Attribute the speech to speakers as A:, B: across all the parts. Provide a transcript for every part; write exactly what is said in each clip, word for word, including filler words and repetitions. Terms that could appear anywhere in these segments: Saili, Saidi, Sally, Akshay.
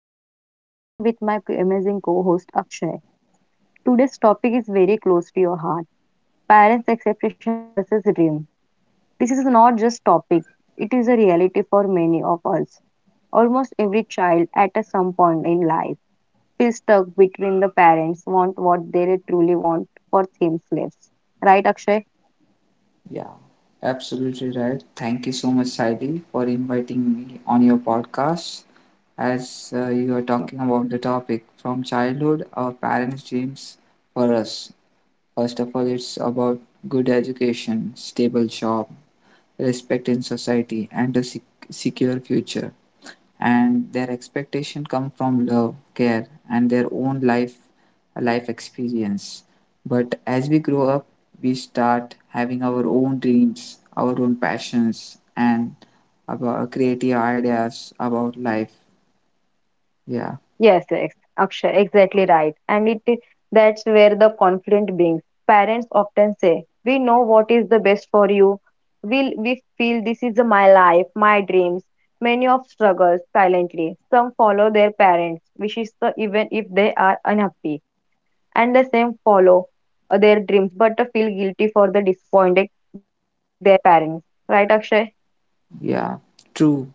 A: I am Saili and with my amazing co-host Akshay. Today's topic is very close to your heart. Parents' expectations versus dream. This is not just topic, it is a reality for many of us. Almost every child at a some point in life feels stuck between the parents want what they truly want for themselves. Right Akshay?
B: Yeah, absolutely right. Thank you so much, Saidi, for inviting me on your podcast. As uh, you are talking about the topic from childhood, our parents' dreams for us. First of all, it's about good education, stable job, respect in society, and a sec- secure future, and their expectation come from love, care, and their own life life experience. But as we grow up, we start having our own dreams, our own passions, and about creative ideas about life. Yeah,
A: Yes, yes, Akshay, exactly right. And it that's where the conflict brings. Parents often say, "We know what is the best for you. We we feel this is my life, my dreams." Many of struggles silently. Some follow their parents' wishes so even if they are unhappy, and the same follow uh, their dreams but uh, feel guilty for the disappointed their parents. Right, Akshay?
B: yeah, true.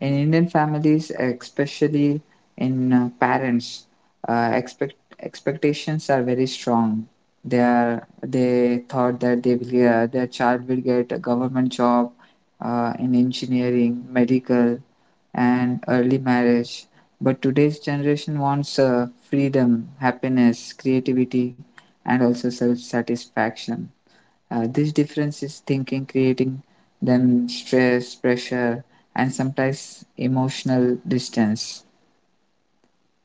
B: In Indian families, especially in uh, parents, uh, expect expectations are very strong. They are they thought that they will uh, their child will get a government job, uh, in engineering, medical, and early marriage. But today's generation wants uh, freedom, happiness, creativity, and also self satisfaction. Uh, this difference is thinking, creating them stress, pressure, and sometimes emotional distance.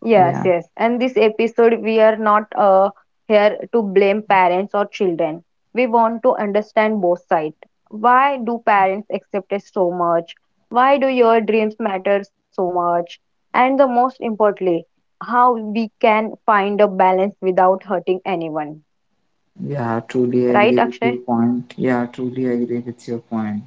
A: Yes,
B: Yeah,
A: yes. And this episode, we are not uh, here to blame parents or children. We want to understand both sides. Why do parents accept us so much? Why do your dreams matter so much? And the most importantly, how we can find a balance without hurting anyone.
B: yeah, truly
A: Right,
B: agree with your
A: Akshay?
B: point. Yeah, truly agree with your point.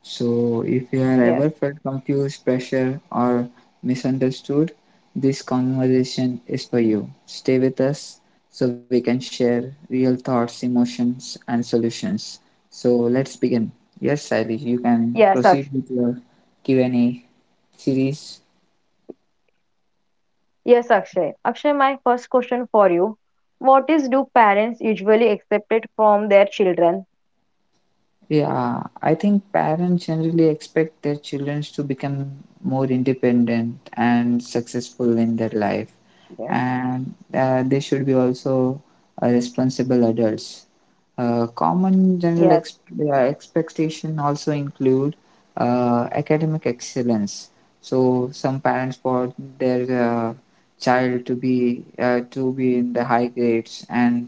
B: So, if you have
A: Yes.
B: ever felt confused, pressure, or misunderstood, this conversation is for you. Stay with us so we can share real thoughts, emotions, and solutions. So, let's begin. Yes, Sally, you can
A: Yes,
B: proceed
A: Akshay.
B: with your Q and A series.
A: Yes, Akshay. Akshay, my first question for you. What is do parents usually accept it from their children?
B: Yeah, I think parents generally expect their children to become more independent and successful in their life.
A: Yes.
B: and uh, they should be also uh, responsible adults. Uh, common general
A: Yes.
B: ex- uh, expectation also include uh, academic excellence. So some parents want their uh, child to be uh, to be in the high grades, and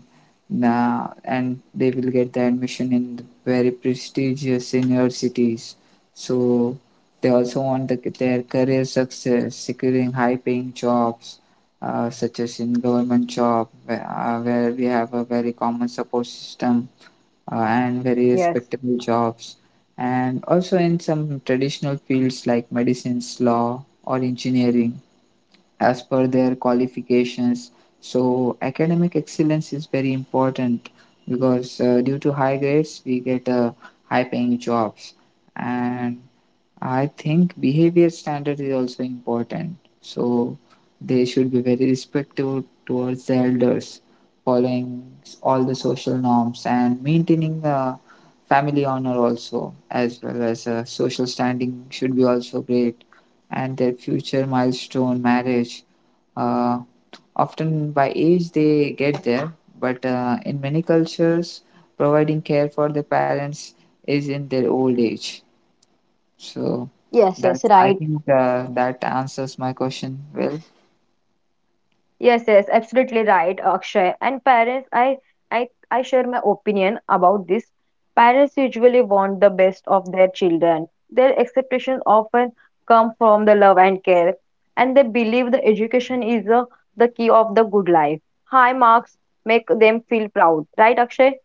B: uh, and they will get the admission in the very prestigious universities. So they also want the, their career success, securing high paying jobs, uh, such as in government job, where, uh, where we have a very common support system, uh, and very
A: Yes.
B: respectable jobs, and also in some traditional fields like medicines, law, or engineering, as per their qualifications. So academic excellence is very important because uh, due to high grades we get uh, high paying jobs. And I think behavior standard is also important. So they should be very respectful towards the elders, following all the social norms, and maintaining the family honor also, as well as uh, social standing should be also great. And their future milestone, marriage, uh, often by age they get there, but uh, in many cultures, providing care for the parents is in their old age. So
A: Yes, yes,
B: that, I
A: right.
B: think, uh, that answers my question well.
A: Yes, yes, absolutely right, Akshay. And parents, I, I, I share my opinion about this. Parents usually want the best of their children. Their expectations often come from the love and care, and they believe the education is uh, the key of the good life. High marks make them feel proud, right, Akshay?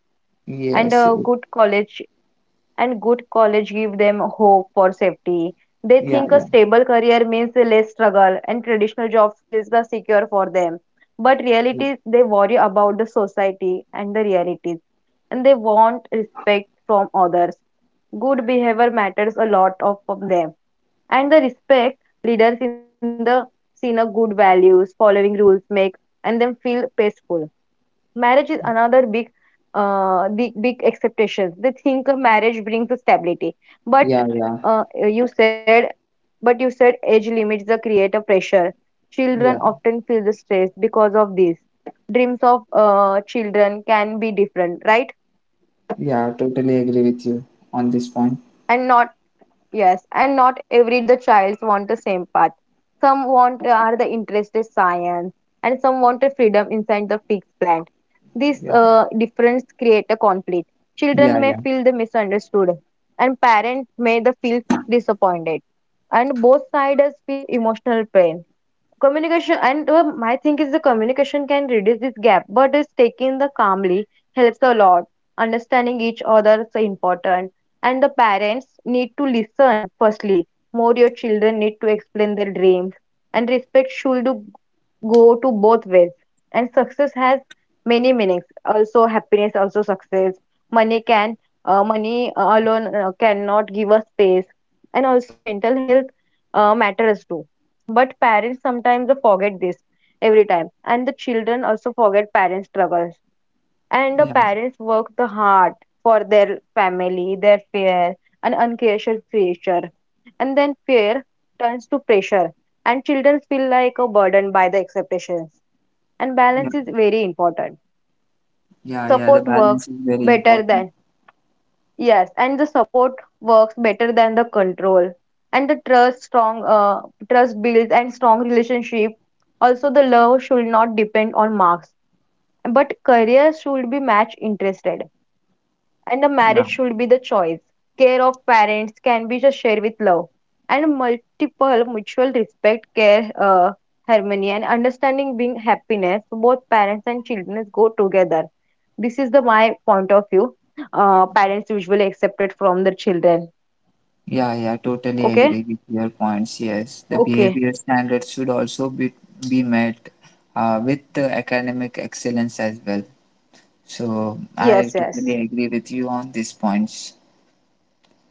A: And
B: Yes.
A: a
B: Y-
A: good college and good college give them hope for safety. They
B: yeah.
A: think a
B: Yeah.
A: stable career means less struggle and traditional job feels the secure for them. But reality, they worry about the society and the realities, and they want respect from others. Good behavior matters a lot of from them, and the respect leaders in the seen a good values, following rules make and them feel peaceful. Marriage is another big uh big big expectations. They think a marriage brings the stability, but
B: Yeah. Yeah. Yeah.
A: uh, you said, but you said age limits the creative pressure. Children
B: Yeah.
A: often feel the stress because of this. Dreams of uh, children can be different, right?
B: Yeah. Totally agree with you on this point.
A: And not. Yes, and not every the childs want the same path. Some want uh, are the interested science, and some want a freedom inside the fixed plan. This
B: Yeah.
A: uh, difference create a conflict.
B: Yeah.
A: Children may
B: Yeah.
A: feel the misunderstood, and parents may the feel disappointed, and both sides feel emotional pain. Communication and uh, my thing is the communication can reduce this gap, but it's taking the calmly helps a lot. Understanding each other is important, and the parents need to listen firstly. More your children need to explain their dreams, and respect should go to both ways. And success has many meanings. Also happiness, also success. Money can uh, Money alone uh, cannot give us space, and also mental health uh, matters too, but parents sometimes forget this every time, and the children also forget parents' struggles. And the
B: Yeah.
A: parents work the hard for their family, their fear, and uncautious pressure. And then fear turns to pressure, and children feel like a burden by the expectations. And balance
B: Yeah.
A: is very important.
B: Yeah. Yeah. The
A: Support
B: balance
A: works
B: is very
A: better
B: important.
A: than. Yes, and the support works better than the control. And the trust strong uh, trust builds and strong relationship. Also, the love should not depend on marks, but career should be match interested and a marriage
B: Yeah.
A: should be the choice. Care of parents can be just shared with love, and multiple mutual respect, care, uh, harmony, and understanding being happiness. Both parents and children go together. This is the my point of view. Uh, parents usually accept it from their children.
B: Yeah. Yeah. Totally
A: Okay,
B: agree with your points. Yes. The
A: okay,
B: behavior standards should also be be met uh, with the academic excellence as well. So
A: yes,
B: I
A: yes,
B: totally agree with you on these points.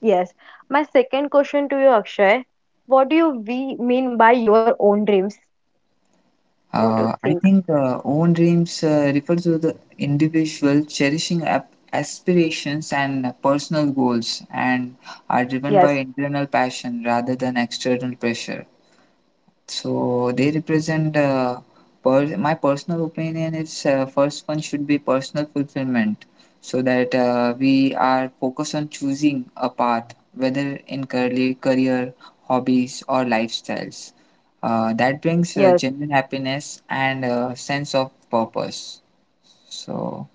A: yes. My second question to you, Akshay, what do you we mean by your own dreams? What do you
B: Uh, I
A: think?
B: think uh, own dreams uh, refers to the individual cherishing ap- aspirations and personal goals, and are driven by
A: Yes,
B: internal passion rather than external pressure. So they represent uh, per- my personal opinion is, uh, first one should be personal fulfillment, so that uh, we are focused on choosing a path, whether in career, career hobbies, or lifestyles, uh, that brings
A: yes,
B: uh, genuine happiness and uh sense of purpose. so,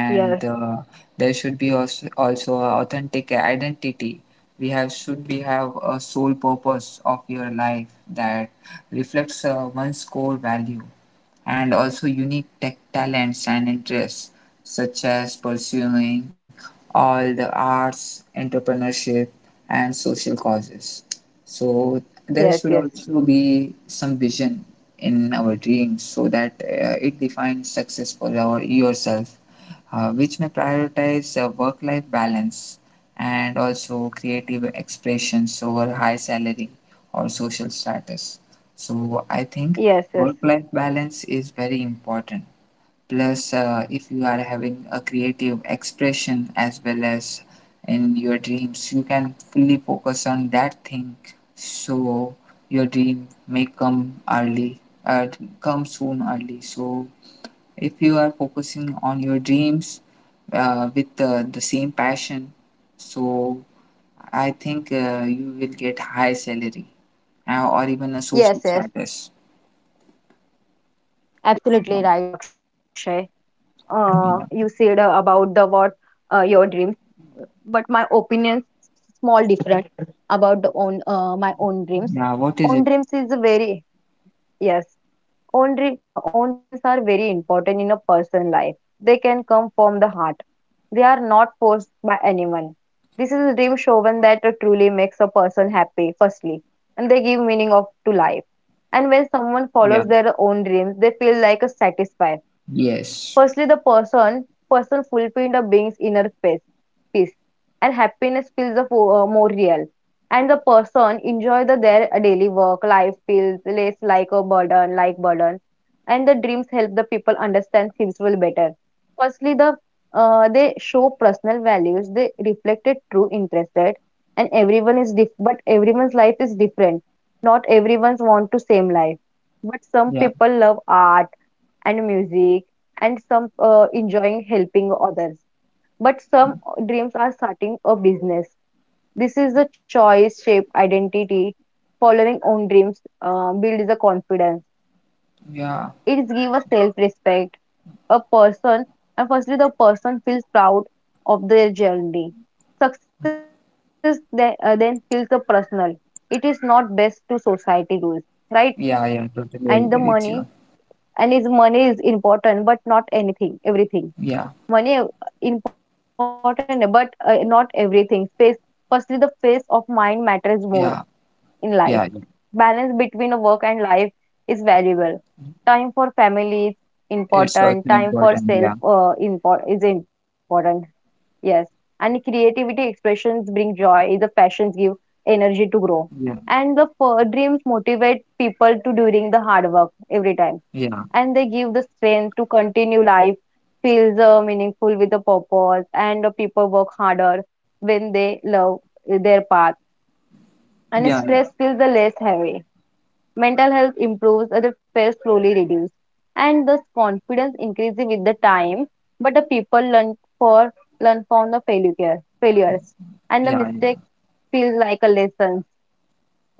A: yes,
B: uh, there should be also, also a authentic identity. We have should be have a sole purpose of your life that reflects uh, one's core value, and also unique tech talents and interests, such as pursuing all the arts, entrepreneurship, and social causes. So, there
A: yes,
B: should
A: yes.
B: also be some vision in our dreams so that uh, it defines success for our yourself, uh, which may prioritize uh, work life balance, and also creative expressions over high salary or social status. So, I think
A: Yes,
B: work
A: yes.
B: life balance is very important. Plus, uh, if you are having a creative expression as well as in your dreams, you can fully focus on that thing, so your dream may come early, uh, come soon early. So, if you are focusing on your dreams uh, with uh, the same passion, so I think uh, you will get high salary, uh, or even a social
A: Yes, yes,
B: status.
A: absolutely right, Akshay. Uh, you
B: Yeah.
A: said uh, about the what uh, your dreams, but my opinions small different about the own uh, my own dreams.
B: Yeah, what is
A: Own
B: it?
A: dreams is a very yes. Own dream uh, own dreams are very important in a person life. They can come from the heart. They are not forced by anyone. This is a dream shown that truly makes a person happy, firstly, and they give meaning of to life. And when someone
B: Yeah.
A: follows their own dreams, they feel like a satisfied.
B: Yes.
A: Firstly, the person person fulfilling the being's inner peace, peace and happiness feels the fo- uh, more real. And the person enjoy the their daily work life feels less like a burden, like burden. And the dreams help the people understand themselves better. Firstly, the uh, they show personal values. They reflected true interested, and everyone is diff- but everyone's life is different. Not everyone's want to same life, but some
B: Yeah.
A: people love art and music, and some uh, enjoying helping others, but some dreams are starting a business. This is the choice shape identity. Following own dreams uh, builds the confidence.
B: Yeah.
A: It gives a self respect a person, and firstly the person feels proud of their journey. Success then, uh, then feels a personal. It is not best to society rules, right?
B: Yeah. Yeah.
A: And the
B: Totally agree
A: money
B: with you.
A: and is money is important, but not anything everything.
B: Yeah.
A: Money uh, Important, but uh, not everything space. Firstly, the space of mind matters more
B: Yeah.
A: in life.
B: Yeah, yeah.
A: Balance between a work and life is valuable. Time for family is
B: It's
A: important.
B: also
A: Time for
B: important.
A: self
B: Yeah.
A: uh, import is important. Yes. And creativity expressions bring joy. The passions give energy to grow.
B: Yeah.
A: And the f- dreams motivate people to doing the hard work every time,
B: Yeah.
A: and they give the strength to continue life. Feels uh, meaningful with a purpose, and uh, people work harder when they love their path,
B: Yeah.
A: and stress feels the less heavy. Mental health improves and the stress slowly reduces, and thus confidence increases with the time. But the people learn for learn from the failure failures and
B: Yeah.
A: the
B: Yeah,
A: mistakes feel like a lessons.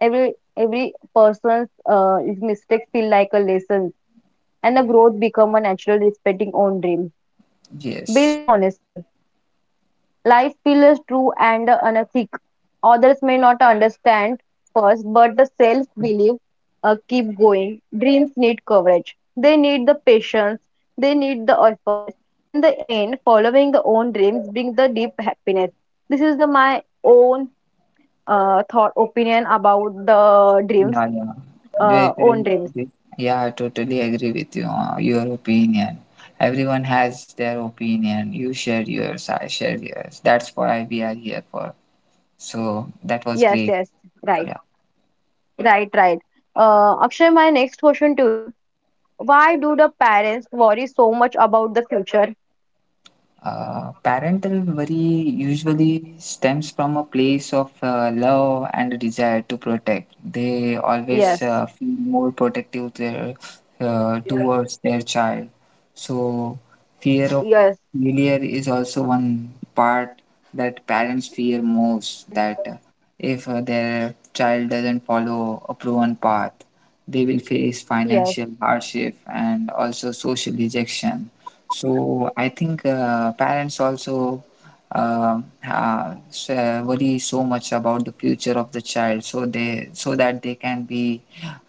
A: Every every person's uh, mistakes feel like a lesson, and the
B: yeah.
A: growth become a natural respecting own dreams.
B: Yes.
A: Builds honestly. Life feels true and unethic. Others may not understand first, but the self-belief uh, keep going. Dreams need coverage. They need the patience. They need the efforts. And the end, following the own dreams bring the deep happiness. This is the my own uh, thought opinion about the dreams,
B: Yeah, yeah. It,
A: uh,
B: it,
A: own dreams.
B: it- yeah, I totally agree with you, uh, your opinion. Everyone has their opinion. You share yours, I share yours. That's why we are here for. So that was
A: Yes,
B: great.
A: yes, right.
B: Yeah.
A: Right, right. Uh, Akshay, my next question to you. Why do the parents worry so much about the future?
B: Uh, parental worry usually stems from a place of uh, love and a desire to protect. They always uh,
A: Yes,
B: feel more protective their, uh, towards their child. So, fear of
A: yes,
B: failure is also one part, that parents fear most that uh, if uh, their child doesn't follow a proven path, they will face
A: yes,
B: financial hardship and also social rejection. So I think uh, parents also, uh, uh, s- uh, worry so much about the future of the child, so they so that they can be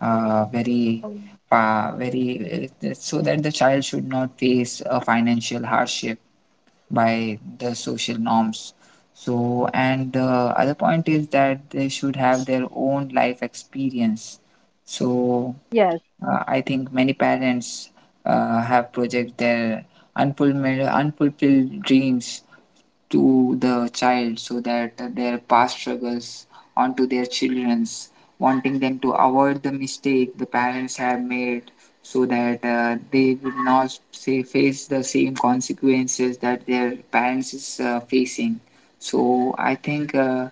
B: uh, very
A: um,
B: uh, very uh, so that the child should not face a financial hardship by the social norms. So, and the other point is that they should have their own life experience. So,
A: yes,
B: uh, I think many parents uh, have project their unfulfilled, unfulfilled dreams to the child, so that their past struggles onto their children's, wanting them to avoid the mistake the parents have made, so that uh, they would not say face the same consequences that their parents is uh, facing. So I think uh,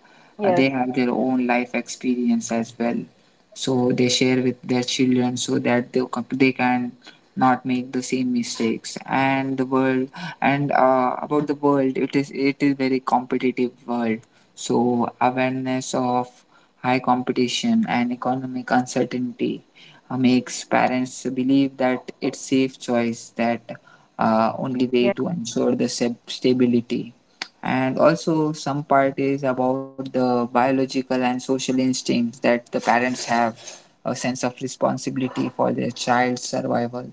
B: uh,
A: yes,
B: they have their own life experience as well, so they share with their children so that they, they can not make the same mistakes. And the world, and uh, about the world, it is it is very competitive world. So awareness of high competition and economic uncertainty uh, makes parents believe that it's safe choice, that uh, only
A: yes,
B: way to ensure the sab- stability. And also some part is about the biological and social instincts, that the parents have a sense of responsibility for their child's survival,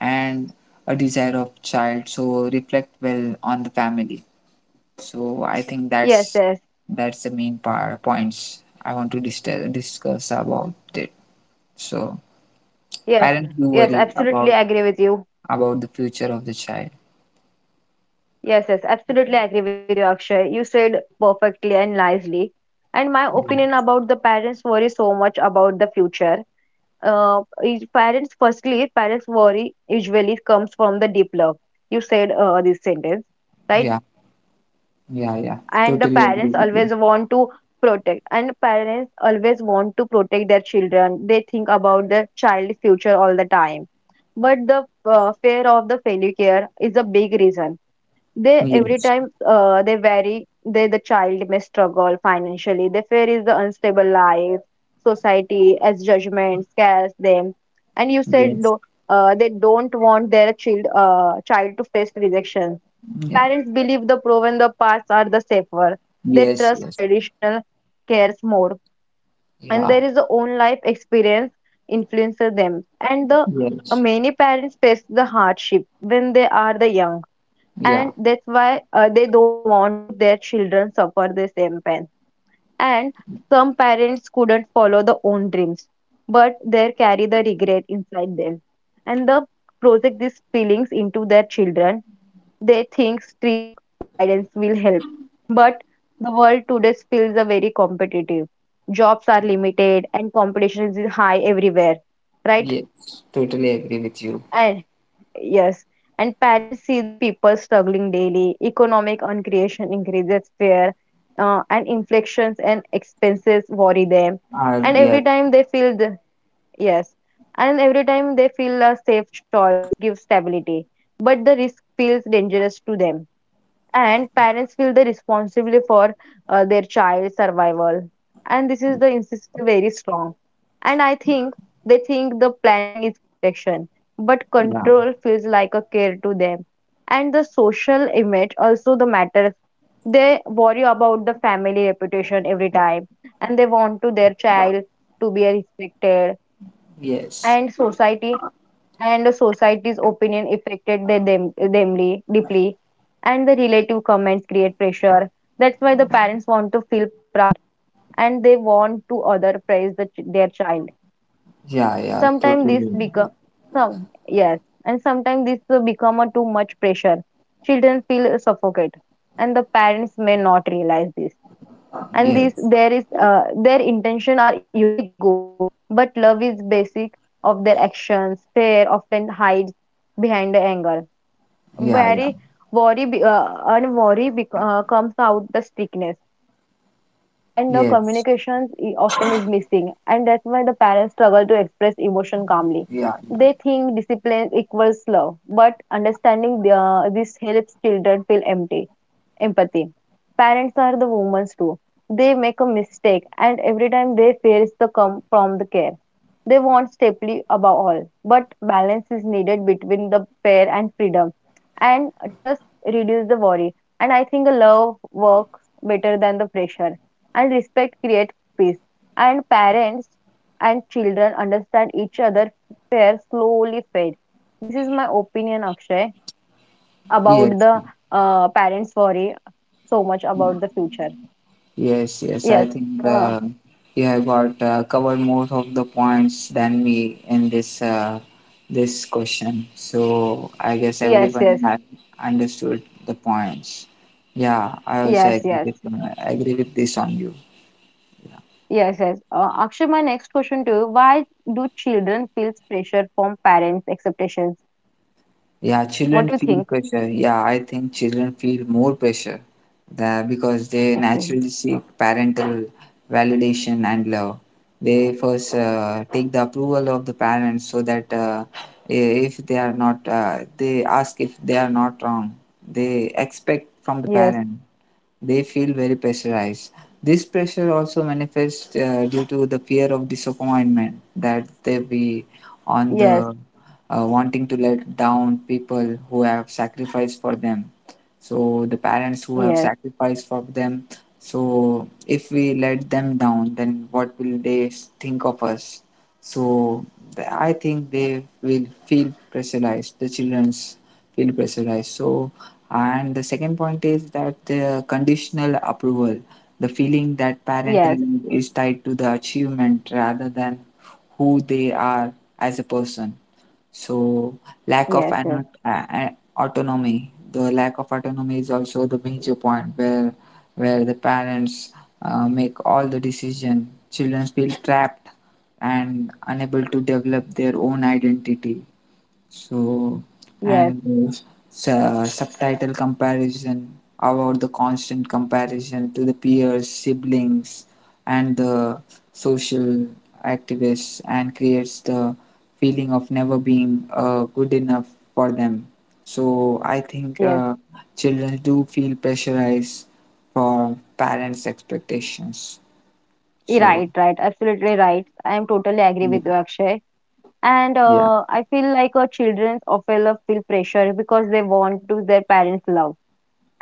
B: and a desire of child so reflect well on the family. So I think
A: yes,
B: that's
A: yes,
B: that's the main part points I want to dis- discuss about it. So
A: yes,
B: parents do
A: yes,
B: worry
A: absolutely
B: about
A: agree with you.
B: about the future of the child.
A: Yes, yes, absolutely agree with you, Akshay. You said perfectly and nicely. And my opinion about the parents worry so much about the future. Uh, is- parents, firstly, parents worry usually comes from the deep love. You said uh, this sentence,
B: Yeah.
A: right?
B: Yeah. Yeah,
A: And the
B: totally agree
A: parents
B: with you.
A: always want to protect, and parents always want to protect their children. They think about their child's future all the time, but the uh, fear of the failure is a big reason. They every
B: Yes.
A: time uh, they vary, they the child may struggle financially. They fear is the unstable life. Society as judgment scares them, and you said
B: Yes.
A: no, uh, they don't want their child uh, child to face rejection.
B: Yeah.
A: Parents believe the proven the paths are the safer. They
B: Yes.
A: trust
B: Yes.
A: traditional cares more, and
B: Yeah.
A: there is a own life experience influences them. And the uh,
B: Yes.
A: many parents face the hardship when they are the young,
B: Yeah.
A: and that's why uh, they don't want to their children suffer the same pain. And some parents couldn't follow the own dreams, but they carry the regret inside them, and the project these feelings into their children. They think strict guidance will help. But the world today feels a very competitive. Jobs are limited and competition is high everywhere, right?
B: Yes, totally agree with you.
A: And yes, and parents see the people struggling daily. Economic uncreation increases fear, uh, and inflections and expenses worry them.
B: Uh,
A: And every
B: yes.
A: time they feel the— yes, and every time they feel a safe choice gives stability, but the risk feels dangerous to them, and parents feel the responsibility for uh, their child's survival, and this is the insist very strong, and I think they think the planning is protection, but
B: Yeah.
A: control feels like a care to them. And the social image also the matters. They worry about the family reputation every time, and they want to their child to be respected,
B: Yes.
A: and society— and society's opinion affected they them themly deeply, and the relative comments create pressure. That's why the parents want to feel proud, and they want to other praise the, ch- their child.
B: Yeah. Yeah,
A: Sometimes
B: totally
A: this become
B: agree.
A: some— yes, and sometimes this will become a too much pressure. Children feel suffocated, and the parents may not realize this, and these
B: Yes.
A: there is uh, their intention are usually good, but love is basic of their actions. Fear often hides behind the anger.
B: Yeah. Yeah.
A: Very worry be- uh, and worry bec- uh, comes out the strictness, and the communications i-
B: Yes.
A: often is missing, and that's why the parents struggle to express emotion calmly.
B: Yeah.
A: They
B: Yeah.
A: think discipline equals love, but understanding the, this helps children feel empty. Empathy. Parents are the women too. They make a mistake, and every time they fears the come from the care. They want safely above all, but balance is needed between the fair and freedom, and trust reduce the worry. And I think love works better than the pressure, and respect creates peace. And parents and children understand each other. Fear slowly fade. This is my opinion, Akshay, about
B: Yes.
A: the uh, parents worry so much about the future.
B: Yes. Yes. I
A: Yes.
B: think
A: Uh,
B: uh, you have got uh, covered most of the points than me in this uh, this question. So I guess
A: yes,
B: everyone
A: yes,
B: has understood the points. Yeah, I also
A: yes,
B: agree
A: yes,
B: with uh, agree with this on you.
A: yes, yes. Uh, Akshay, my next question to you: why do children feel pressure from parents' expectations?
B: Yeah,
A: What
B: children
A: do you
B: feel
A: think?
B: pressure. Yeah, I think children feel more pressure, that because they
A: Okay.
B: naturally seek parental validation and love. They first uh, take the approval of the parents, so that uh, if they are not, uh, they ask if they are not wrong. They expect from the
A: Yes,
B: parent, they feel very pressurized. This pressure also manifests uh, due to the fear of disappointment, that they be on
A: yes,
B: the, uh, wanting to let down people who have sacrificed for them. So the parents who have
A: yes,
B: sacrificed for them. So if we let them down, then what will they s- think of us? So th- I think they will feel pressurized. The childrens feel pressurized. So, and the second point is that the conditional approval, the feeling that
A: yes,
B: parental love is tied to the achievement rather than who they are as a person. So, lack
A: yes,
B: of
A: yes,
B: an, uh, autonomy, the lack of autonomy is also the major point, where where the parents uh, make all the decision. Children feel trapped and unable to develop their own identity. so,
A: yes,
B: and uh, su- subtitle comparison about the constant comparison to the peers, siblings, and the social activists, and creates the feeling of never being uh, good enough for them. So, I think
A: yes.
B: uh, children do feel pressurized from parents' expectations.
A: Y-
B: So,
A: right, right. Absolutely right. I am totally
B: yeah,
A: agree with you, Akshay. And
B: yeah,
A: uh, I feel like uh, children often feel pressure because they want to their parents' love,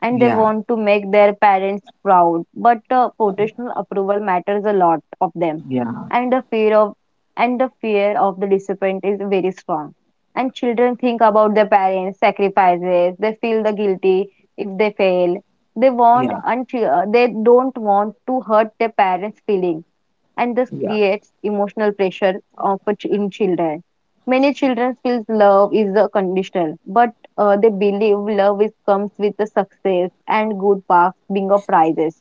A: and they
B: yeah,
A: want to make their parents proud. But uh, professional approval matters a lot of them,
B: yeah,
A: and the fear of— and the fear of the disappointment is very strong. And children think about their parents' sacrifices. They feel the guilty if they fail. They want
B: yeah,
A: and chi- uh, they don't want to hurt their parents' feelings, and this
B: yeah,
A: creates emotional pressure of a ch- in children. Many children feel love is uh, conditional, but uh, they believe love is comes with the success and good paths being a prizes,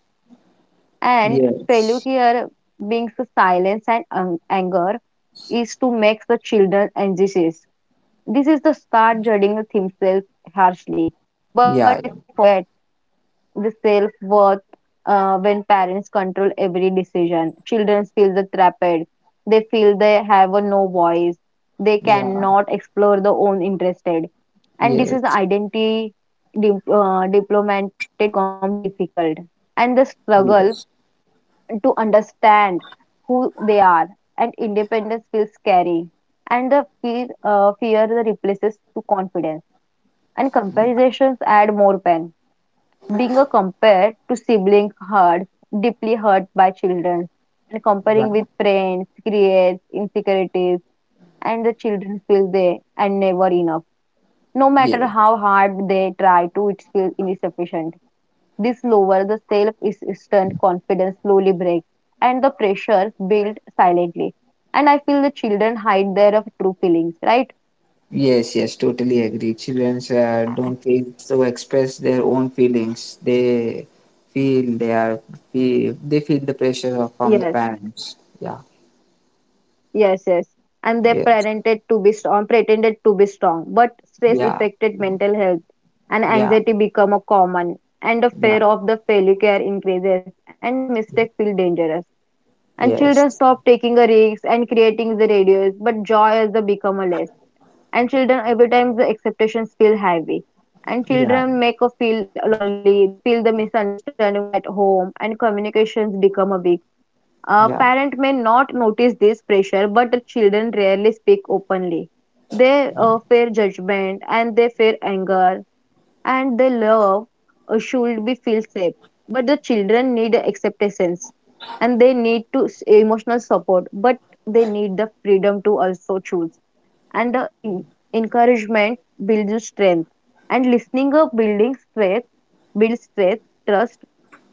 A: and failure
B: yes,
A: here being the silence and ang- anger is to make the children anxious. This is the start judging themselves harshly, but
B: yeah,
A: they forget the self-worth uh, when parents control every decision. Children feel the trapped. They feel they have a no voice. They
B: yeah.
A: cannot explore their own interested. And this is the
B: Yes,
A: identity dip- uh, diplomatic becomes so difficult. And the struggle
B: yes,
A: to understand who they are, and independence feels scary. And the fear, uh, fear replaces to confidence. And comparisons add more pain. Being a compared to sibling hurt, deeply hurt by children, and comparing with
B: yeah,
A: friends creates insecurities, and the children feel they are never enough. No matter
B: yes,
A: how hard they try to, it feels insufficient. This lowers the self-esteem, confidence slowly breaks, and the pressure builds silently. And I feel the children hide their true feelings, right?
B: yes, yes, totally agree. Children uh, don't feel so express their own feelings. They feel they are feel they feel the pressure of from the
A: Yes.
B: parents. Yeah,
A: Yes, yes. And they
B: yes,
A: pretended to be strong, pretended to be strong, but stress
B: yeah,
A: affected mental health and
B: yeah,
A: anxiety become a common, and the
B: yeah,
A: fear of the failure increases and the mistake feel dangerous. And children
B: yes,
A: stop taking a risk and creating the radius, but joy has the become a less. And children every time the expectations feel heavy. And
B: yeah,
A: children make a feel lonely, they feel the misunderstanding at home, and communications become a weak. A
B: yeah,
A: parent may not notice this pressure, but the children rarely speak openly. They uh, fear judgment and they fear anger, and they love uh, should be feel safe. But the children need acceptance, and they need to s- emotional support, but they need the freedom to also choose. And the in- encouragement builds strength, and listening up building strength builds strength, trust.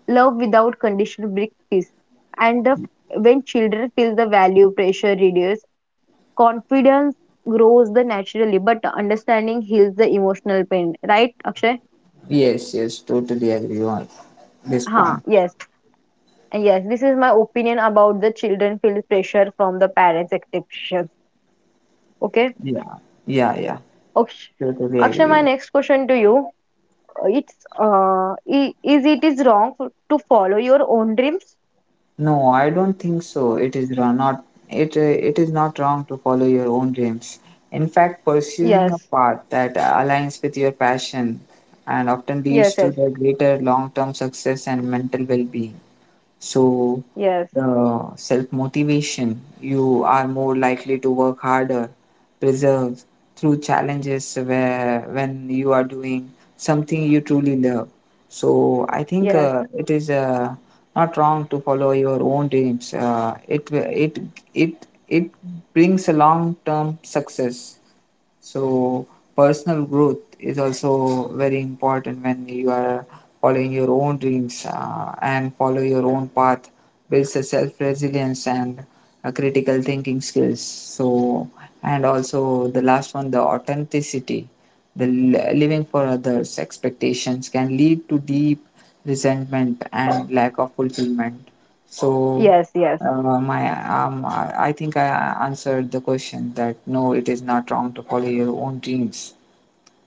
A: Love Without Condition brings peace. And the, when children feel the value, pressure reduces, confidence grows the naturally, but understanding heals the emotional pain. Right, Akshay?
B: yes, yes, totally agree on this
A: Huh,
B: point.
A: yes. And yes, this is my opinion about the children feel pressure from the parents' expectations. Okay.
B: Yeah, yeah, yeah,
A: Aksh—
B: totally
A: Akshay, my
B: agree.
A: next question to you. uh, It's uh, i- is it is wrong f- to follow your own dreams?
B: No, I don't think so. It is ra- not it uh, it is not wrong to follow your own dreams. In fact,
A: Yes,
B: pursuing a path that aligns with your passion and often leads
A: yes,
B: to
A: yes,
B: the greater long-term success and mental well-being. So,
A: yes,
B: the self motivation, you are more likely to work harder, preserve through challenges where when you are doing something you truly love. So, I think uh,
A: yes,
B: it is uh, not wrong to follow your own dreams. Uh, it, it, it, it brings a long term success. So personal growth is also very important when you are following
A: yes,
B: your own
A: yes.
B: dreams uh, and follow your own path.
A: Yes.
B: Builds a self resilience and uh, critical thinking skills. So
A: Hello.
B: and also the last one, the authenticity. The
A: Hello.
B: li- living for others' expectations can lead to deep resentment and
A: Hello.
B: lack of fulfillment. So
A: Yes. Yes.
B: uh, my um, I I think I answered the question that no, it is not wrong to follow your own dreams.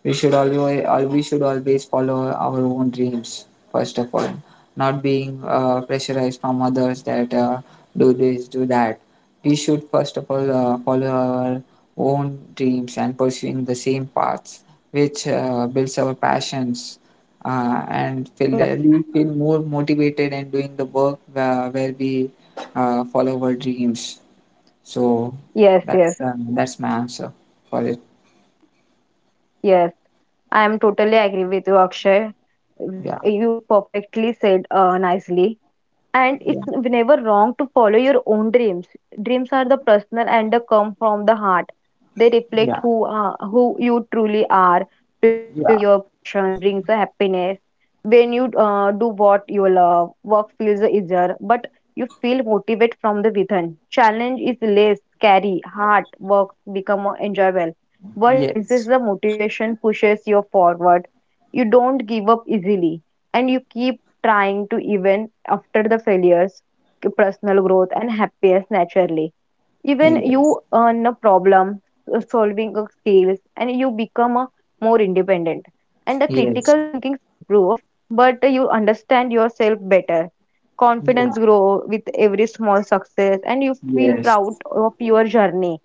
B: We should always, all we should always follow
A: Totally
B: our
A: agree
B: own
A: with you,
B: dreams
A: Akshay.
B: first of all, not being uh, pressurized from others that uh, do this, do that. We should first of all uh, follow our own dreams and pursuing the same paths, which uh, builds our passions uh, and feel
A: Yes.
B: uh, we feel more motivated in doing the work where, where we uh, follow our dreams. So
A: Yes. Yes.
B: that's um, that's my answer for it.
A: Yes. I am totally agree with you, Akshay.
B: Yeah,
A: What you perfectly said uh, nicely. And
B: yeah,
A: it's never wrong to follow your own dreams. Dreams are the personal, and they come from the heart. They reflect
B: yeah,
A: who are, who you truly are. Choosing your
B: yeah.
A: passion brings the happiness. When you uh, do what you love, work feels easier, but you feel motivated from the within. Challenge is less scary, hard work become more enjoyable. What instead
B: Yes,
A: the motivation pushes you forward. You don't give up easily, and you keep trying to even after the failures. Personal growth and happiness naturally, even
B: yes,
A: you earn a problem uh, solving of skills, and you become a more independent, and the
B: yes,
A: critical thinkings improve, but you understand yourself better.
B: yeah,
A: Confidence grow with every small success, and you feel
B: yes,
A: proud of your journey,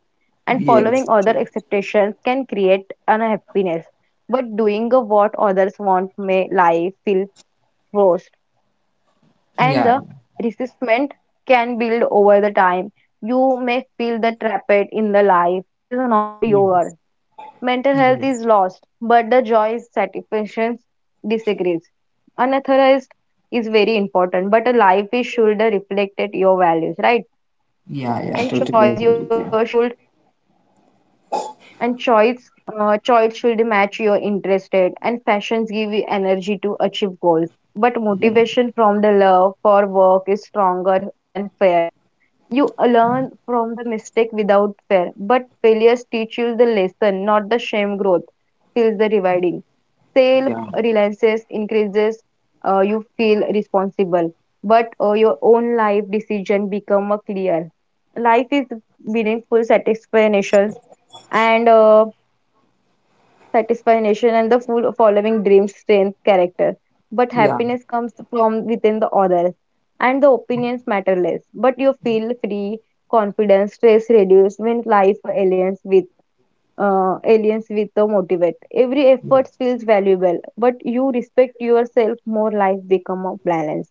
A: and following
B: yes,
A: other expectations can create unhappiness, but doing what others want may life feel forced, and
B: yeah,
A: the
B: yeah,
A: resistment can build over the time. You may feel the trapped in the life. It is not
B: yes,
A: yours. Mental health
B: yes,
A: is lost, but the joy is satisfaction disagrees. Unauthorized is very important, but a life is should reflect your values, right?
B: yeah, yeah,
A: And
B: totally agree
A: choice your
B: with you.
A: should— and choice uh, choice should match your interested, and passions give you energy to achieve goals. But
B: Yeah,
A: motivation from the love for work is stronger than fear. You learn from the mistake without fear, but failures teach you the lesson, not the shame. Growth feels the rewarding. Self
B: yeah,
A: reliance increases, uh, you feel responsible, but uh, your own life decision become a clear. Life is meaningful satisfactions, and uh, satisfaction and the full following dreams strength character. But
B: yeah,
A: happiness comes from within the others, and the opinions matter less. But you feel free, confidence, stress reduced when life aliens with uh, aliens with the motivate. Every effort feels valuable, but you respect yourself more. Life become a balance.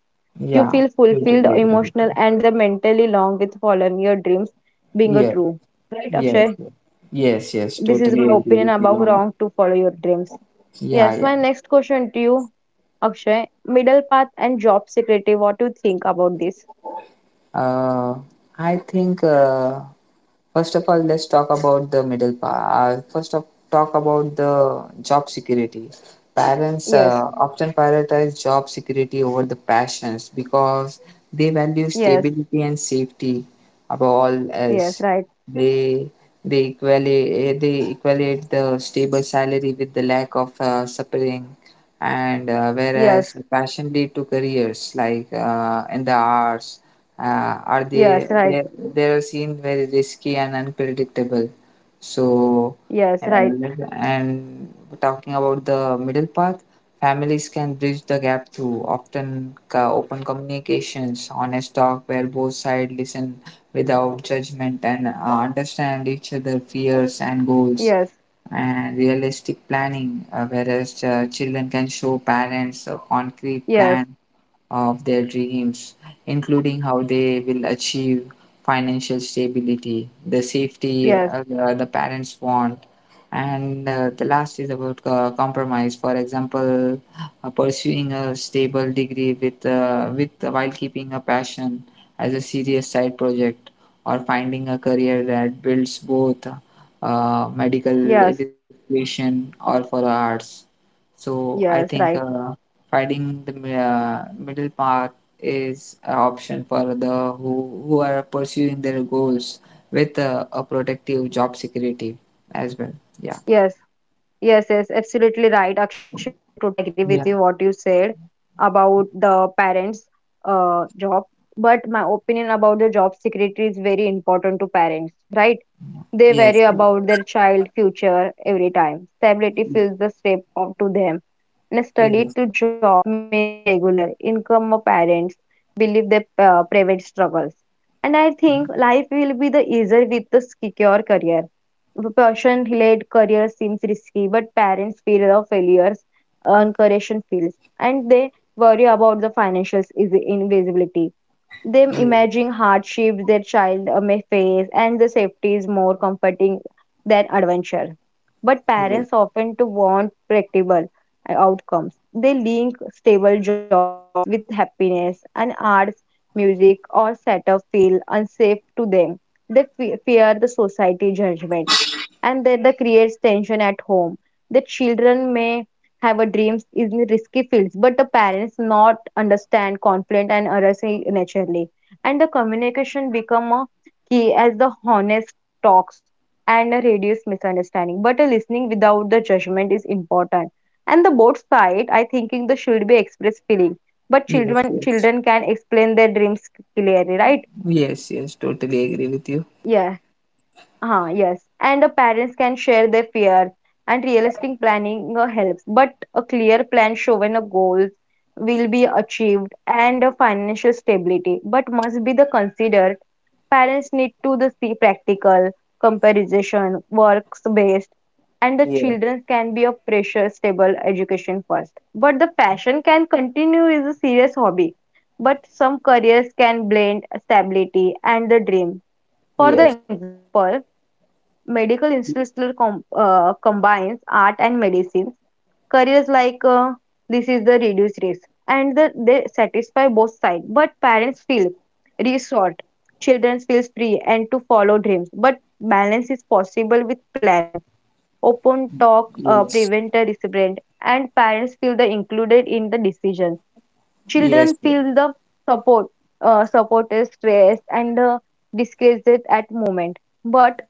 A: You
B: yeah,
A: feel
B: totally
A: fulfilled,
B: agree with you.
A: emotional, and the mentally long with following your dreams being a
B: Yeah,
A: true. Right,
B: yes,
A: Akshay?
B: yes, yes, yes,
A: This is
B: totally
A: my
B: agree
A: opinion
B: with you
A: about
B: on-
A: wrong to follow your dreams.
B: Yeah,
A: Yes,
B: yeah.
A: my next question to you, Akshay: middle path and job security, what do you think about this?
B: Uh, I think uh, first of all, let's talk about the middle part. Uh, first of talk about the job security.
A: Yes,
B: Parents uh, often prioritize job security over the passions because they value
A: yes,
B: stability and safety above all
A: yes, right.
B: else. They they equally they equate the stable salary with the lack of uh, suffering, and uh,
A: Yes,
B: whereas passion lead to careers like uh, in the arts, uh, are
A: yes,
B: they
A: right.
B: they they are seen very risky and unpredictable. So
A: Yes, right.
B: uh, and talking about the middle path, families can bridge the gap through often co- open communications, honest talk where both sides listen without judgment and uh, understand each other fears and goals.
A: Yes,
B: And realistic planning, uh, whereas uh, children can show parents a concrete
A: yes,
B: plan of their dreams, including how they will achieve financial stability, the safety
A: yes,
B: uh, the the parents want. And uh, the last is about uh, compromise. For example, uh, pursuing a stable degree with, uh, with uh, while keeping a passion as a serious side project, or finding a career that builds both uh, medical
A: yes,
B: education or for arts. So I
A: yes,
B: think
A: right.
B: uh, finding the mi- uh, middle path is an option for the who, who are pursuing their goals with uh, a protective job security as well. Yeah,
A: Yes, yes, yes, absolutely right, Akshay. I'm totally agree with you
B: yeah,
A: what you said about the parents' uh, job. But my opinion about the job security is very important to parents, right? They
B: yes,
A: worry
B: yes,
A: about their child future every time. Stability feels the step up to them. And a
B: yes,
A: study
B: yes,
A: to job means regular income of parents believe their uh, private struggles. And I think life will be the easier with the secure career. Passion led career seems risky, but parents fear the failures, encourage feels, and they worry about the financial is- invisibility. Them imagining hardship their child uh, may face, and the safety is more comforting than adventure. But parents often to want predictable uh, outcomes. They link stable jobs with happiness, and arts, music, or setup feel unsafe to them. They fe- fear the society judgment, and that the creates tension at home. The children may have a dreams in risky fields, but the parents not understand conflict and errors naturally. And the communication become a key as the honest talks and reduce misunderstanding. But a listening without the judgment is important. And the both side, I thinking the should be express feeling. But
B: yes,
A: children
B: yes,
A: children can explain their dreams clearly, right?
B: yes, yes, totally agree with you.
A: Yes. Ah, yes. And the parents can share their fears, and realistic planning uh, helps. But a clear plan showing a goals will be achieved and a financial stability, but must be the considered. Parents need to the see practical comparison, works based, and the
B: Yes,
A: children can be a pressure stable education first. But the fashion can continue is a serious hobby. But some careers can blend stability and the dream. For the
B: yes,
A: example, Medical Institute still com uh, combines art and medicine. Careers like uh, this is the reduced risk, and the, they satisfy both sides. But parents feel resort, children feel free and to follow dreams. But balance is possible with planning. Open talk uh,
B: yes,
A: prevent a restraint, and parents feel the included in the decision.
B: yes,
A: Children feel the support, uh, support is stress and uh, disguised at moment, but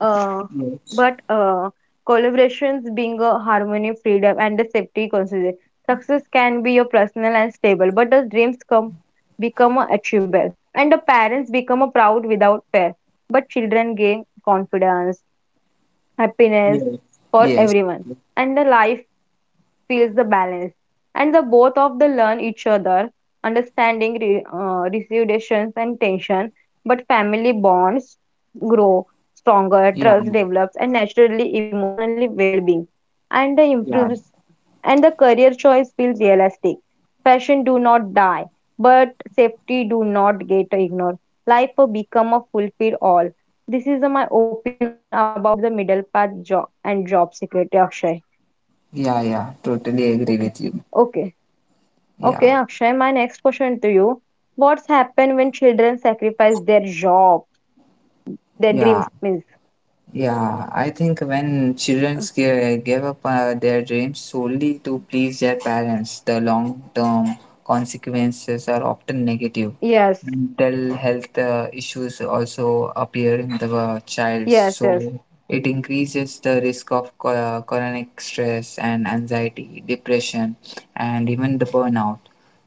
A: uh,
B: yes,
A: but uh, collaborations being a harmony, freedom, and the safety considered. Success can be a personal and stable, but the dreams come become a achievable, and the parents become a proud without fear. But children gain confidence, happiness
B: yes,
A: for
B: yes,
A: everyone, and the life feels the balance, and the both of the learn each other, understanding re, uh, reservations and tension. But family bonds grow stronger,
B: yeah,
A: trust develops, and naturally emotionally well-being, and the
B: yeah,
A: improves, and the career choice feels realistic. Fashion do not die, but safety do not get ignored. Life will become a fulfill all. This is uh, my opinion about the middle path job and job security, Akshay.
B: yeah, yeah, totally agree
A: Okay.
B: with you.
A: Okay.
B: Yeah,
A: Okay, Akshay, my next question to you. What's happened when children sacrifice their job and their dreams
B: yeah.
A: means?
B: Yeah, I think when children give, give up uh, their dreams solely to please their parents, the long-term consequences are often negative.
A: Yes,
B: Mental health uh, issues also appear in the uh, child,
A: yes, yes,
B: so it increases the risk of cho- uh, chronic stress and anxiety, depression, and even the burnout.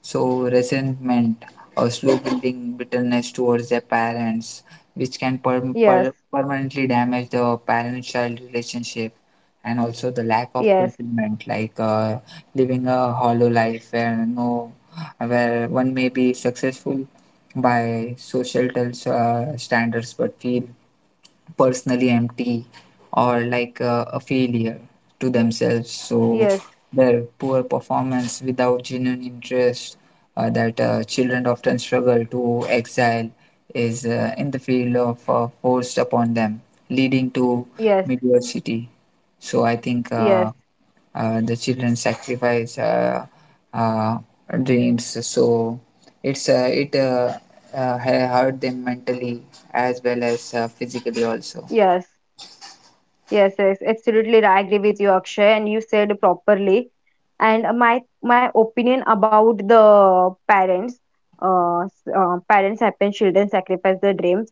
B: So resentment or slow building bitterness towards their parents, which can per-
A: yes,
B: permanently damage the parent child relationship and also the lack of
A: yes,
B: fulfillment like uh, living a hollow life where no where one may be successful by social tel- uh, standards but feel personally empty or like uh, a failure to themselves. So
A: yes,
B: their poor performance without genuine interest uh, that uh, children often struggle to exile is uh, in the field of uh, forced upon them, leading to
A: yes,
B: mediocrity. So I think uh,
A: yes,
B: uh, the children sacrifice uh, uh, dreams. So it's uh, it uh, uh, ha- hurt them mentally as well as uh, physically also.
A: yes, yes, yes. Absolutely, I agree with you, Akshay, and you said properly. And uh, my my opinion about the parents, uh, s- uh parents happen, children sacrifice their dreams.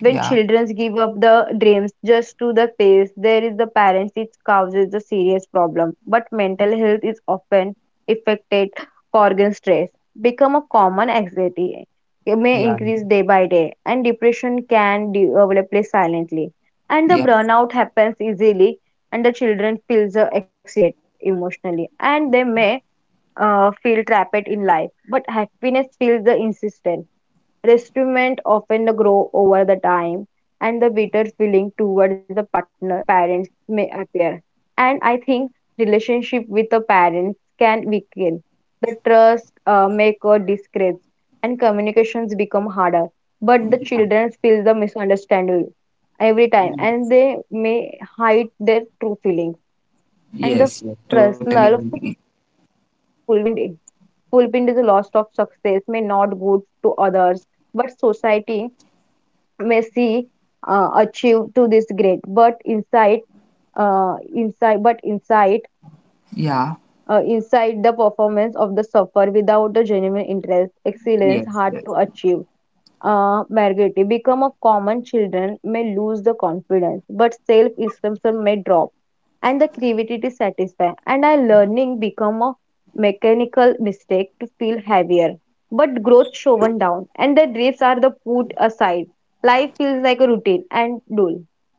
A: When
B: Yeah,
A: children give up the dreams just to the face, there is the parents, it causes a serious problem. But mental health is often affected. Organ stress become a common anxiety. It may
B: yeah,
A: increase day by day, and depression can develop silently. And the
B: yeah.
A: burnout happens easily, and the children feels uh, exhausted emotionally, and they may uh, feel trapped in life. But happiness feels the insistent. Resentment often grow over the time, and the bitter feeling towards the partner parents may appear. And I think relationship with the parents can weaken. The trust uh, make or disgrace, and communications become harder. But the children feel the misunderstanding every time, and they may hide their true feelings. And the
B: Yes, yes, totally
A: personal
B: agree.
A: fulfillment fulfillment is the loss of success may not good to others but society Messi uh, achieved to this grade, but inside, uh, inside, but inside,
B: Yeah,
A: uh, inside the performance of the suffer without the genuine interest, excellence
B: yes,
A: hard
B: yes,
A: to achieve. Uh, Margaret, become of common children may lose the confidence, but self-esteem may drop and the creativity to satisfy and our learning become a mechanical mistake to feel heavier but growth shown down and the drifts are the put aside life feels like a routine and dull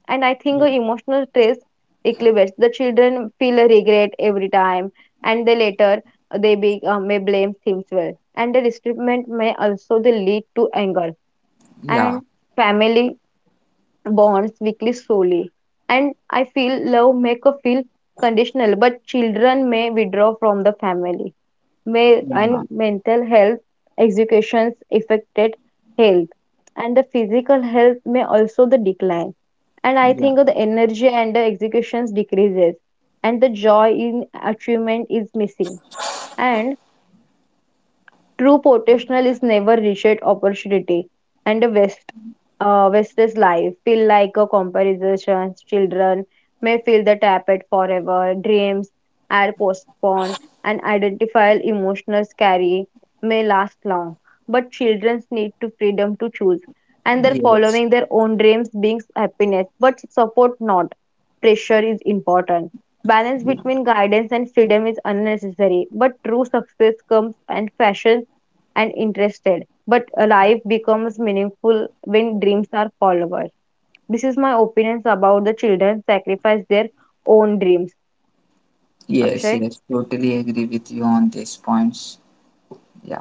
A: and I think the emotional stress equilibrates the children feel a regret every time and they later they be, uh, may blame things well and the resentment may also they lead to anger
B: yeah,
A: and family bonds weekly slowly. And I feel love make a feel conditional, but children may withdraw from the family. May
B: yeah,
A: and mental health educations affected health and the physical health may also the decline. And I
B: yeah,
A: think the energy and the executions decreases and the joy in achievement is missing. And true potential is never reached opportunity, and the West, uh, West's life feel like a comparison. Children may feel the tapped forever, dreams are postponed, and identifiable emotions carry may last long. But children need to freedom to choose, and they're
B: yes,
A: following their own dreams brings happiness, but support not. Pressure is important. Balance
B: yeah,
A: between guidance and freedom is unnecessary, but true success comes and fashion and interested, but life becomes meaningful when dreams are followed. This is my opinions about the children sacrifice their own dreams.
B: yes,
A: Akshay.
B: yes. Totally agree with you on these points. Yeah.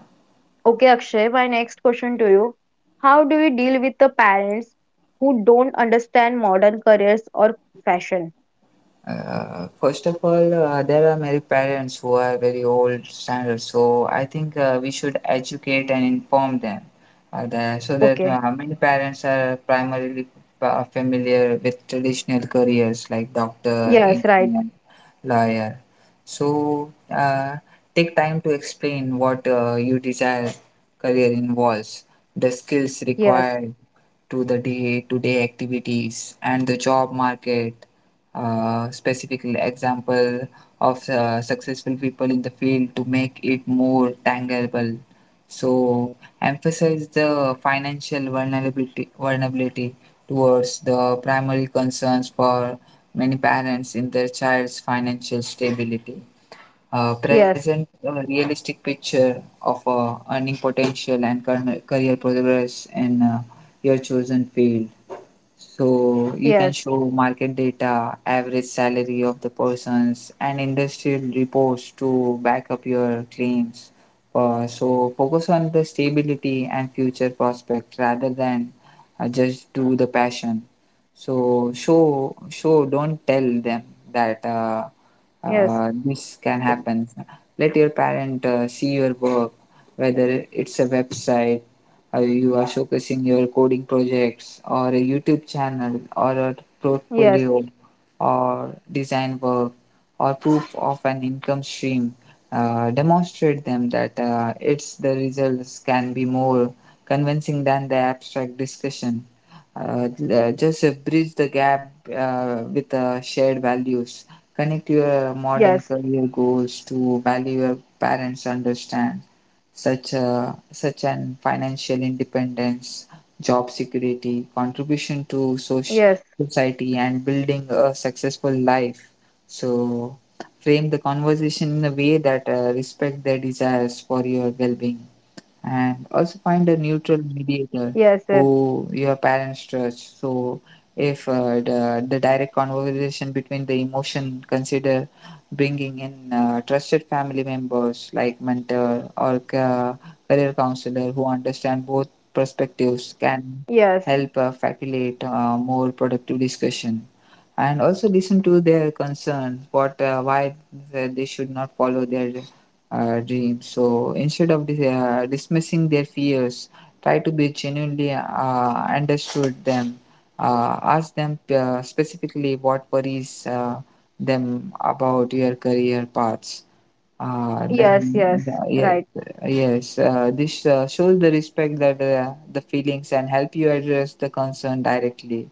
A: Okay, Akshay, my next question to you. How do we deal with the parents who don't understand modern careers or fashion?
B: Uh, first of all, uh, there are many parents who are very old standards, so I think uh, we should educate and inform them uh, that, so that
A: Okay.
B: uh, many parents are primarily uh, familiar with traditional careers like doctor,
A: Yes, right.
B: engineer, lawyer. So uh, take time to explain what uh, your desired career involves, the skills
A: Yes.
B: required to the day-to-day activities, and the job market uh, specific example of uh, successful people in the field to make it more tangible. So emphasize the financial vulnerability, vulnerability towards the primary concerns for many parents in their child's financial stability. Uh,
A: Yes.
B: present a realistic picture of uh, earning potential and current career progress in uh, your chosen field so you can
A: Yes.
B: show market data, average salary of the persons, and industrial reports to back up your claims. Uh, so focus on the stability and future prospect rather than uh, just do the passion. So show show don't tell them that uh,
A: Yes.
B: uh, this can happen. Let your parent uh, see your work, whether it's a website uh, you are showcasing your coding projects or a YouTube channel or a
A: Yes.
B: portfolio or design work or proof of an income stream, uh, demonstrate them that uh, it's the results can be more convincing than the abstract discussion. Uh, l- just uh, bridge the gap uh, with uh, shared values. Connect your modern career goals to value your parents understand such, a, such an financial independence, job security, contribution to soc-
A: Yes.
B: society, and building a successful life. So, frame the conversation in a way that uh, respect their desires for your well-being and also find a neutral
A: Yes. Yes.
B: mediator who your parents trust so if uh, the, the direct conversation between the emotion consider bringing in uh, trusted family members like mentor or ca- career counselor who understand both perspectives can
A: Yes. Yes.
B: help uh, facilitate uh, more productive discussion and also listen to their concern what uh, why they they should not follow their uh, dreams. So instead of dis- uh, dismissing their fears, try to be genuinely uh, understood them. Uh, ask them uh, specifically what worries uh, them about your career paths uh,
A: Yes.
B: then,
A: Yes.
B: the- yes,
A: Right.
B: yes. Uh, this uh, shows the respect that uh, the feelings and help you address the concern directly,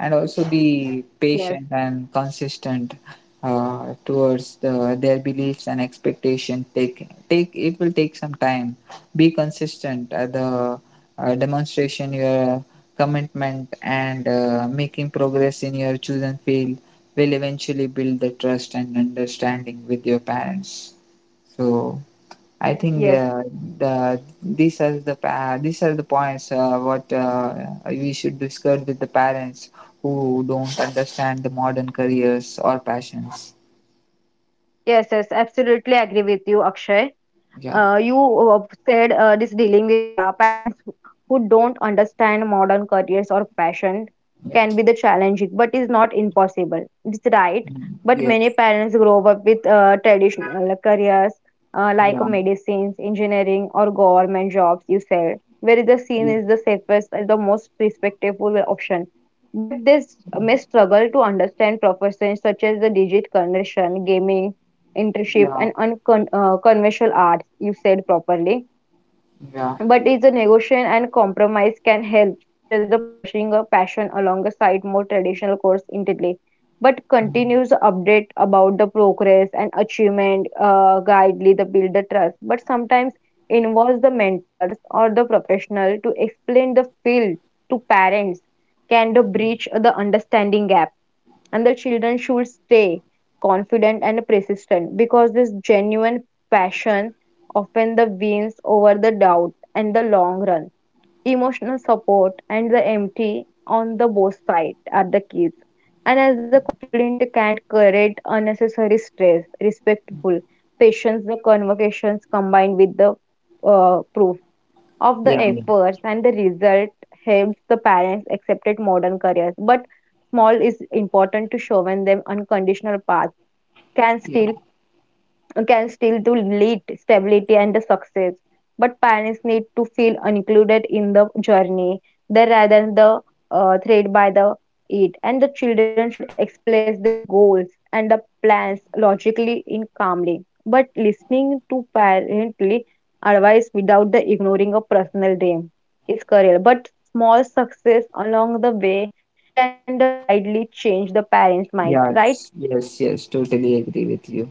B: and also be
A: Yes.
B: patient and consistent uh, towards the, their beliefs and expectation. Take take it will take some time. Be consistent. Uh, the uh, Demonstration your commitment and uh, making progress in your chosen field will eventually build the trust and understanding with your parents. So I think
A: Yes.
B: uh, the these are the pa- these are the points uh, what uh, we should discuss with the parents who don't understand the modern careers or passions.
A: Yes, yes, absolutely agree with you, Akshay.
B: Yeah,
A: Uh, you uh, said uh, this dealing with pa parents who who don't understand modern careers or passion
B: yeah.
A: can be the challenging, but is not impossible. It's right,
B: Mm,
A: but many
B: yes,
A: parents grow up with uh, traditional careers uh, like
B: yeah,
A: medicines, engineering, or government jobs. You said where the
B: yeah,
A: scene is the safest, and the most respectable option. But they s- may struggle to understand professions such as the digital conversion, gaming internship
B: yeah,
A: and uncon uh, conventional arts, you said properly.
B: yeah,
A: But it's a negotiation and compromise can help, such as the pursuing a passion alongside more traditional course intently. But continues update about the progress and achievement, uh, guidely the build the trust. But sometimes involves the mentors or the professional to explain the field to parents can the breach the understanding gap and the children should stay confident and persistent because this genuine passion often the wins over the doubt and the long run. Emotional support and the empty on the both sides are the keys. And as the conflict can create unnecessary stress, respectful, patience, the convocations combined with the uh, proof of the
B: yeah,
A: efforts and the result helps the parents accepted modern careers but small is important to show when them unconditional path can
B: yeah,
A: still
B: yeah.
A: can still to lead stability and the success. But parents need to feel included in the journey, they rather than the uh, thread by the it. And the children should express their goals and the plans logically in calmly. But listening to parently advice without the ignoring a personal dream is career. But small success along the way can the greatly change the parents' mind, right?
B: Yes, yes, yes. Totally agree with you.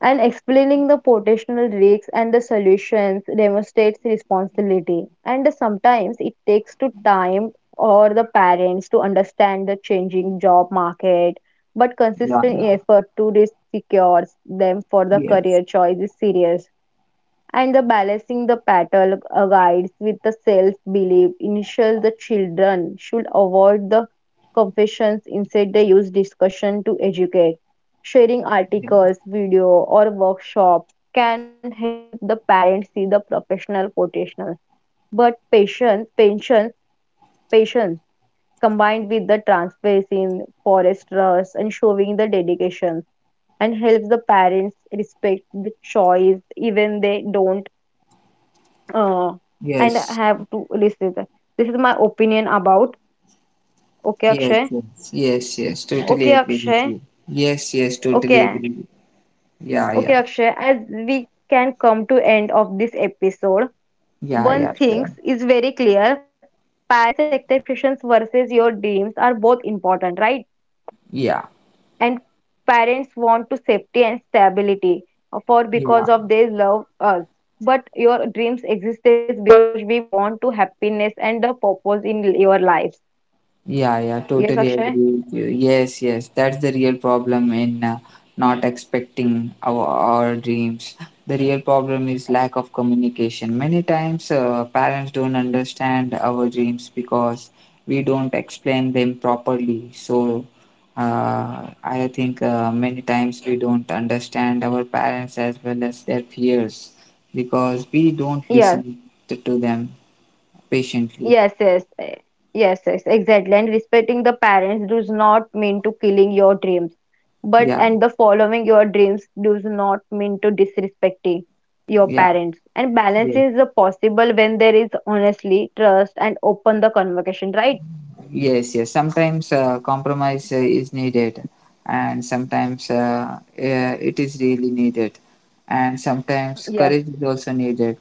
A: And explaining the potential risks and the solutions demonstrates responsibility. And sometimes it takes to time or the parents to understand the changing job market, but
B: Yeah,
A: consistent
B: yeah,
A: effort to re- secures them for the
B: yes,
A: career choice is serious and the balancing the parental uh, guides with the self-belief initial the children should avoid the confessions instead they use discussion to educate sharing
B: yes.
A: articles video or workshops can help the parents see the professional potential. But patience patience patience combined with the transparency in forest trust and showing the dedication and helps the parents respect the choice even they don't uh, and
B: Yes,
A: have to listen. To- This is my opinion about. Okay,
B: yes,
A: Akshay.
B: yes, yes, yes,
A: Okay,
B: totally agree with
A: Akshay.
B: you. Yes, yes, totally
A: Okay,
B: agree. Yeah, yeah,
A: okay, Akshay. As we can come to end of this episode,
B: yeah,
A: one
B: yeah,
A: thing
B: sure.
A: is very clear: parents' expectations versus your dreams are both important, right?
B: Yeah,
A: And parents want to safety and stability for
B: yeah,
A: because of they love us. But your dreams exist because we want to happiness and the purpose in your lives.
B: yeah, yeah,
A: Yes,
B: totally
A: Akshay.
B: agree with you. Yes, yes, that's the real problem in uh, not expecting our, our dreams. The real problem is lack of communication. Many times, uh, parents don't understand our dreams because we don't explain them properly. So, uh, I think uh, many times we don't understand our parents as well as their fears because we don't
A: Yes.
B: listen to, to them patiently.
A: Yes, yes, eh, yes, yes, exactly. And respecting the parents does not mean to killing your dreams, but
B: Yeah,
A: and the following your dreams does not mean to disrespecting your
B: yeah,
A: parents. And balance
B: yeah.
A: is the possible when there is honestly trust and open the conversation, right?
B: Yes, yes. Sometimes uh, compromise uh, is needed, and sometimes uh, uh, it is really needed, and sometimes
A: Yes,
B: courage is also needed,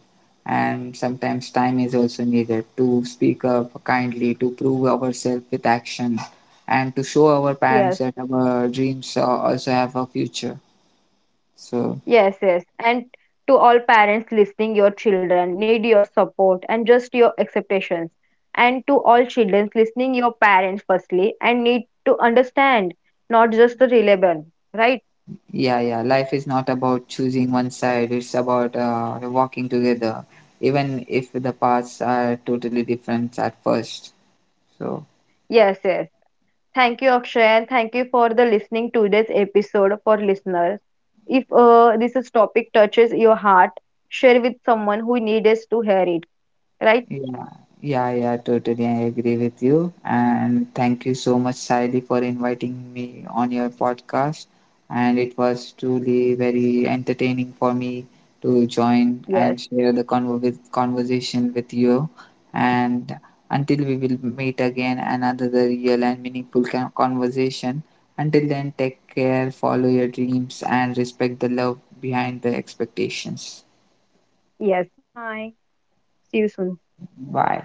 B: and sometimes time is also needed to speak up kindly, to prove ourselves with action, and to show our
A: yes.
B: parents that our dreams uh, also have a future. So,
A: Yes, yes. And to all parents listening, your children need your support and just your expectations. And to all children listening, your parents firstly and need to understand, not just the relevant, right?
B: yeah, yeah. Life is not about choosing one side, it's about uh, walking together, even if the paths are totally different at first. So,
A: Yes, yes. Thank you, Akshay, and thank you for the listening to this episode for listeners. If uh, this is topic touches your heart, share with someone who needs to hear it, right?
B: yeah, yeah, yeah, totally. I agree with you. And thank you so much, Sally, for inviting me on your podcast. And it was truly very entertaining for me to join and
A: Yes,
B: share the convo- with conversation with you. And until we will meet again, another real and meaningful con- conversation. Until then, take care, follow your dreams, and respect the love behind the expectations.
A: yes. Bye. See you soon.
B: Bye.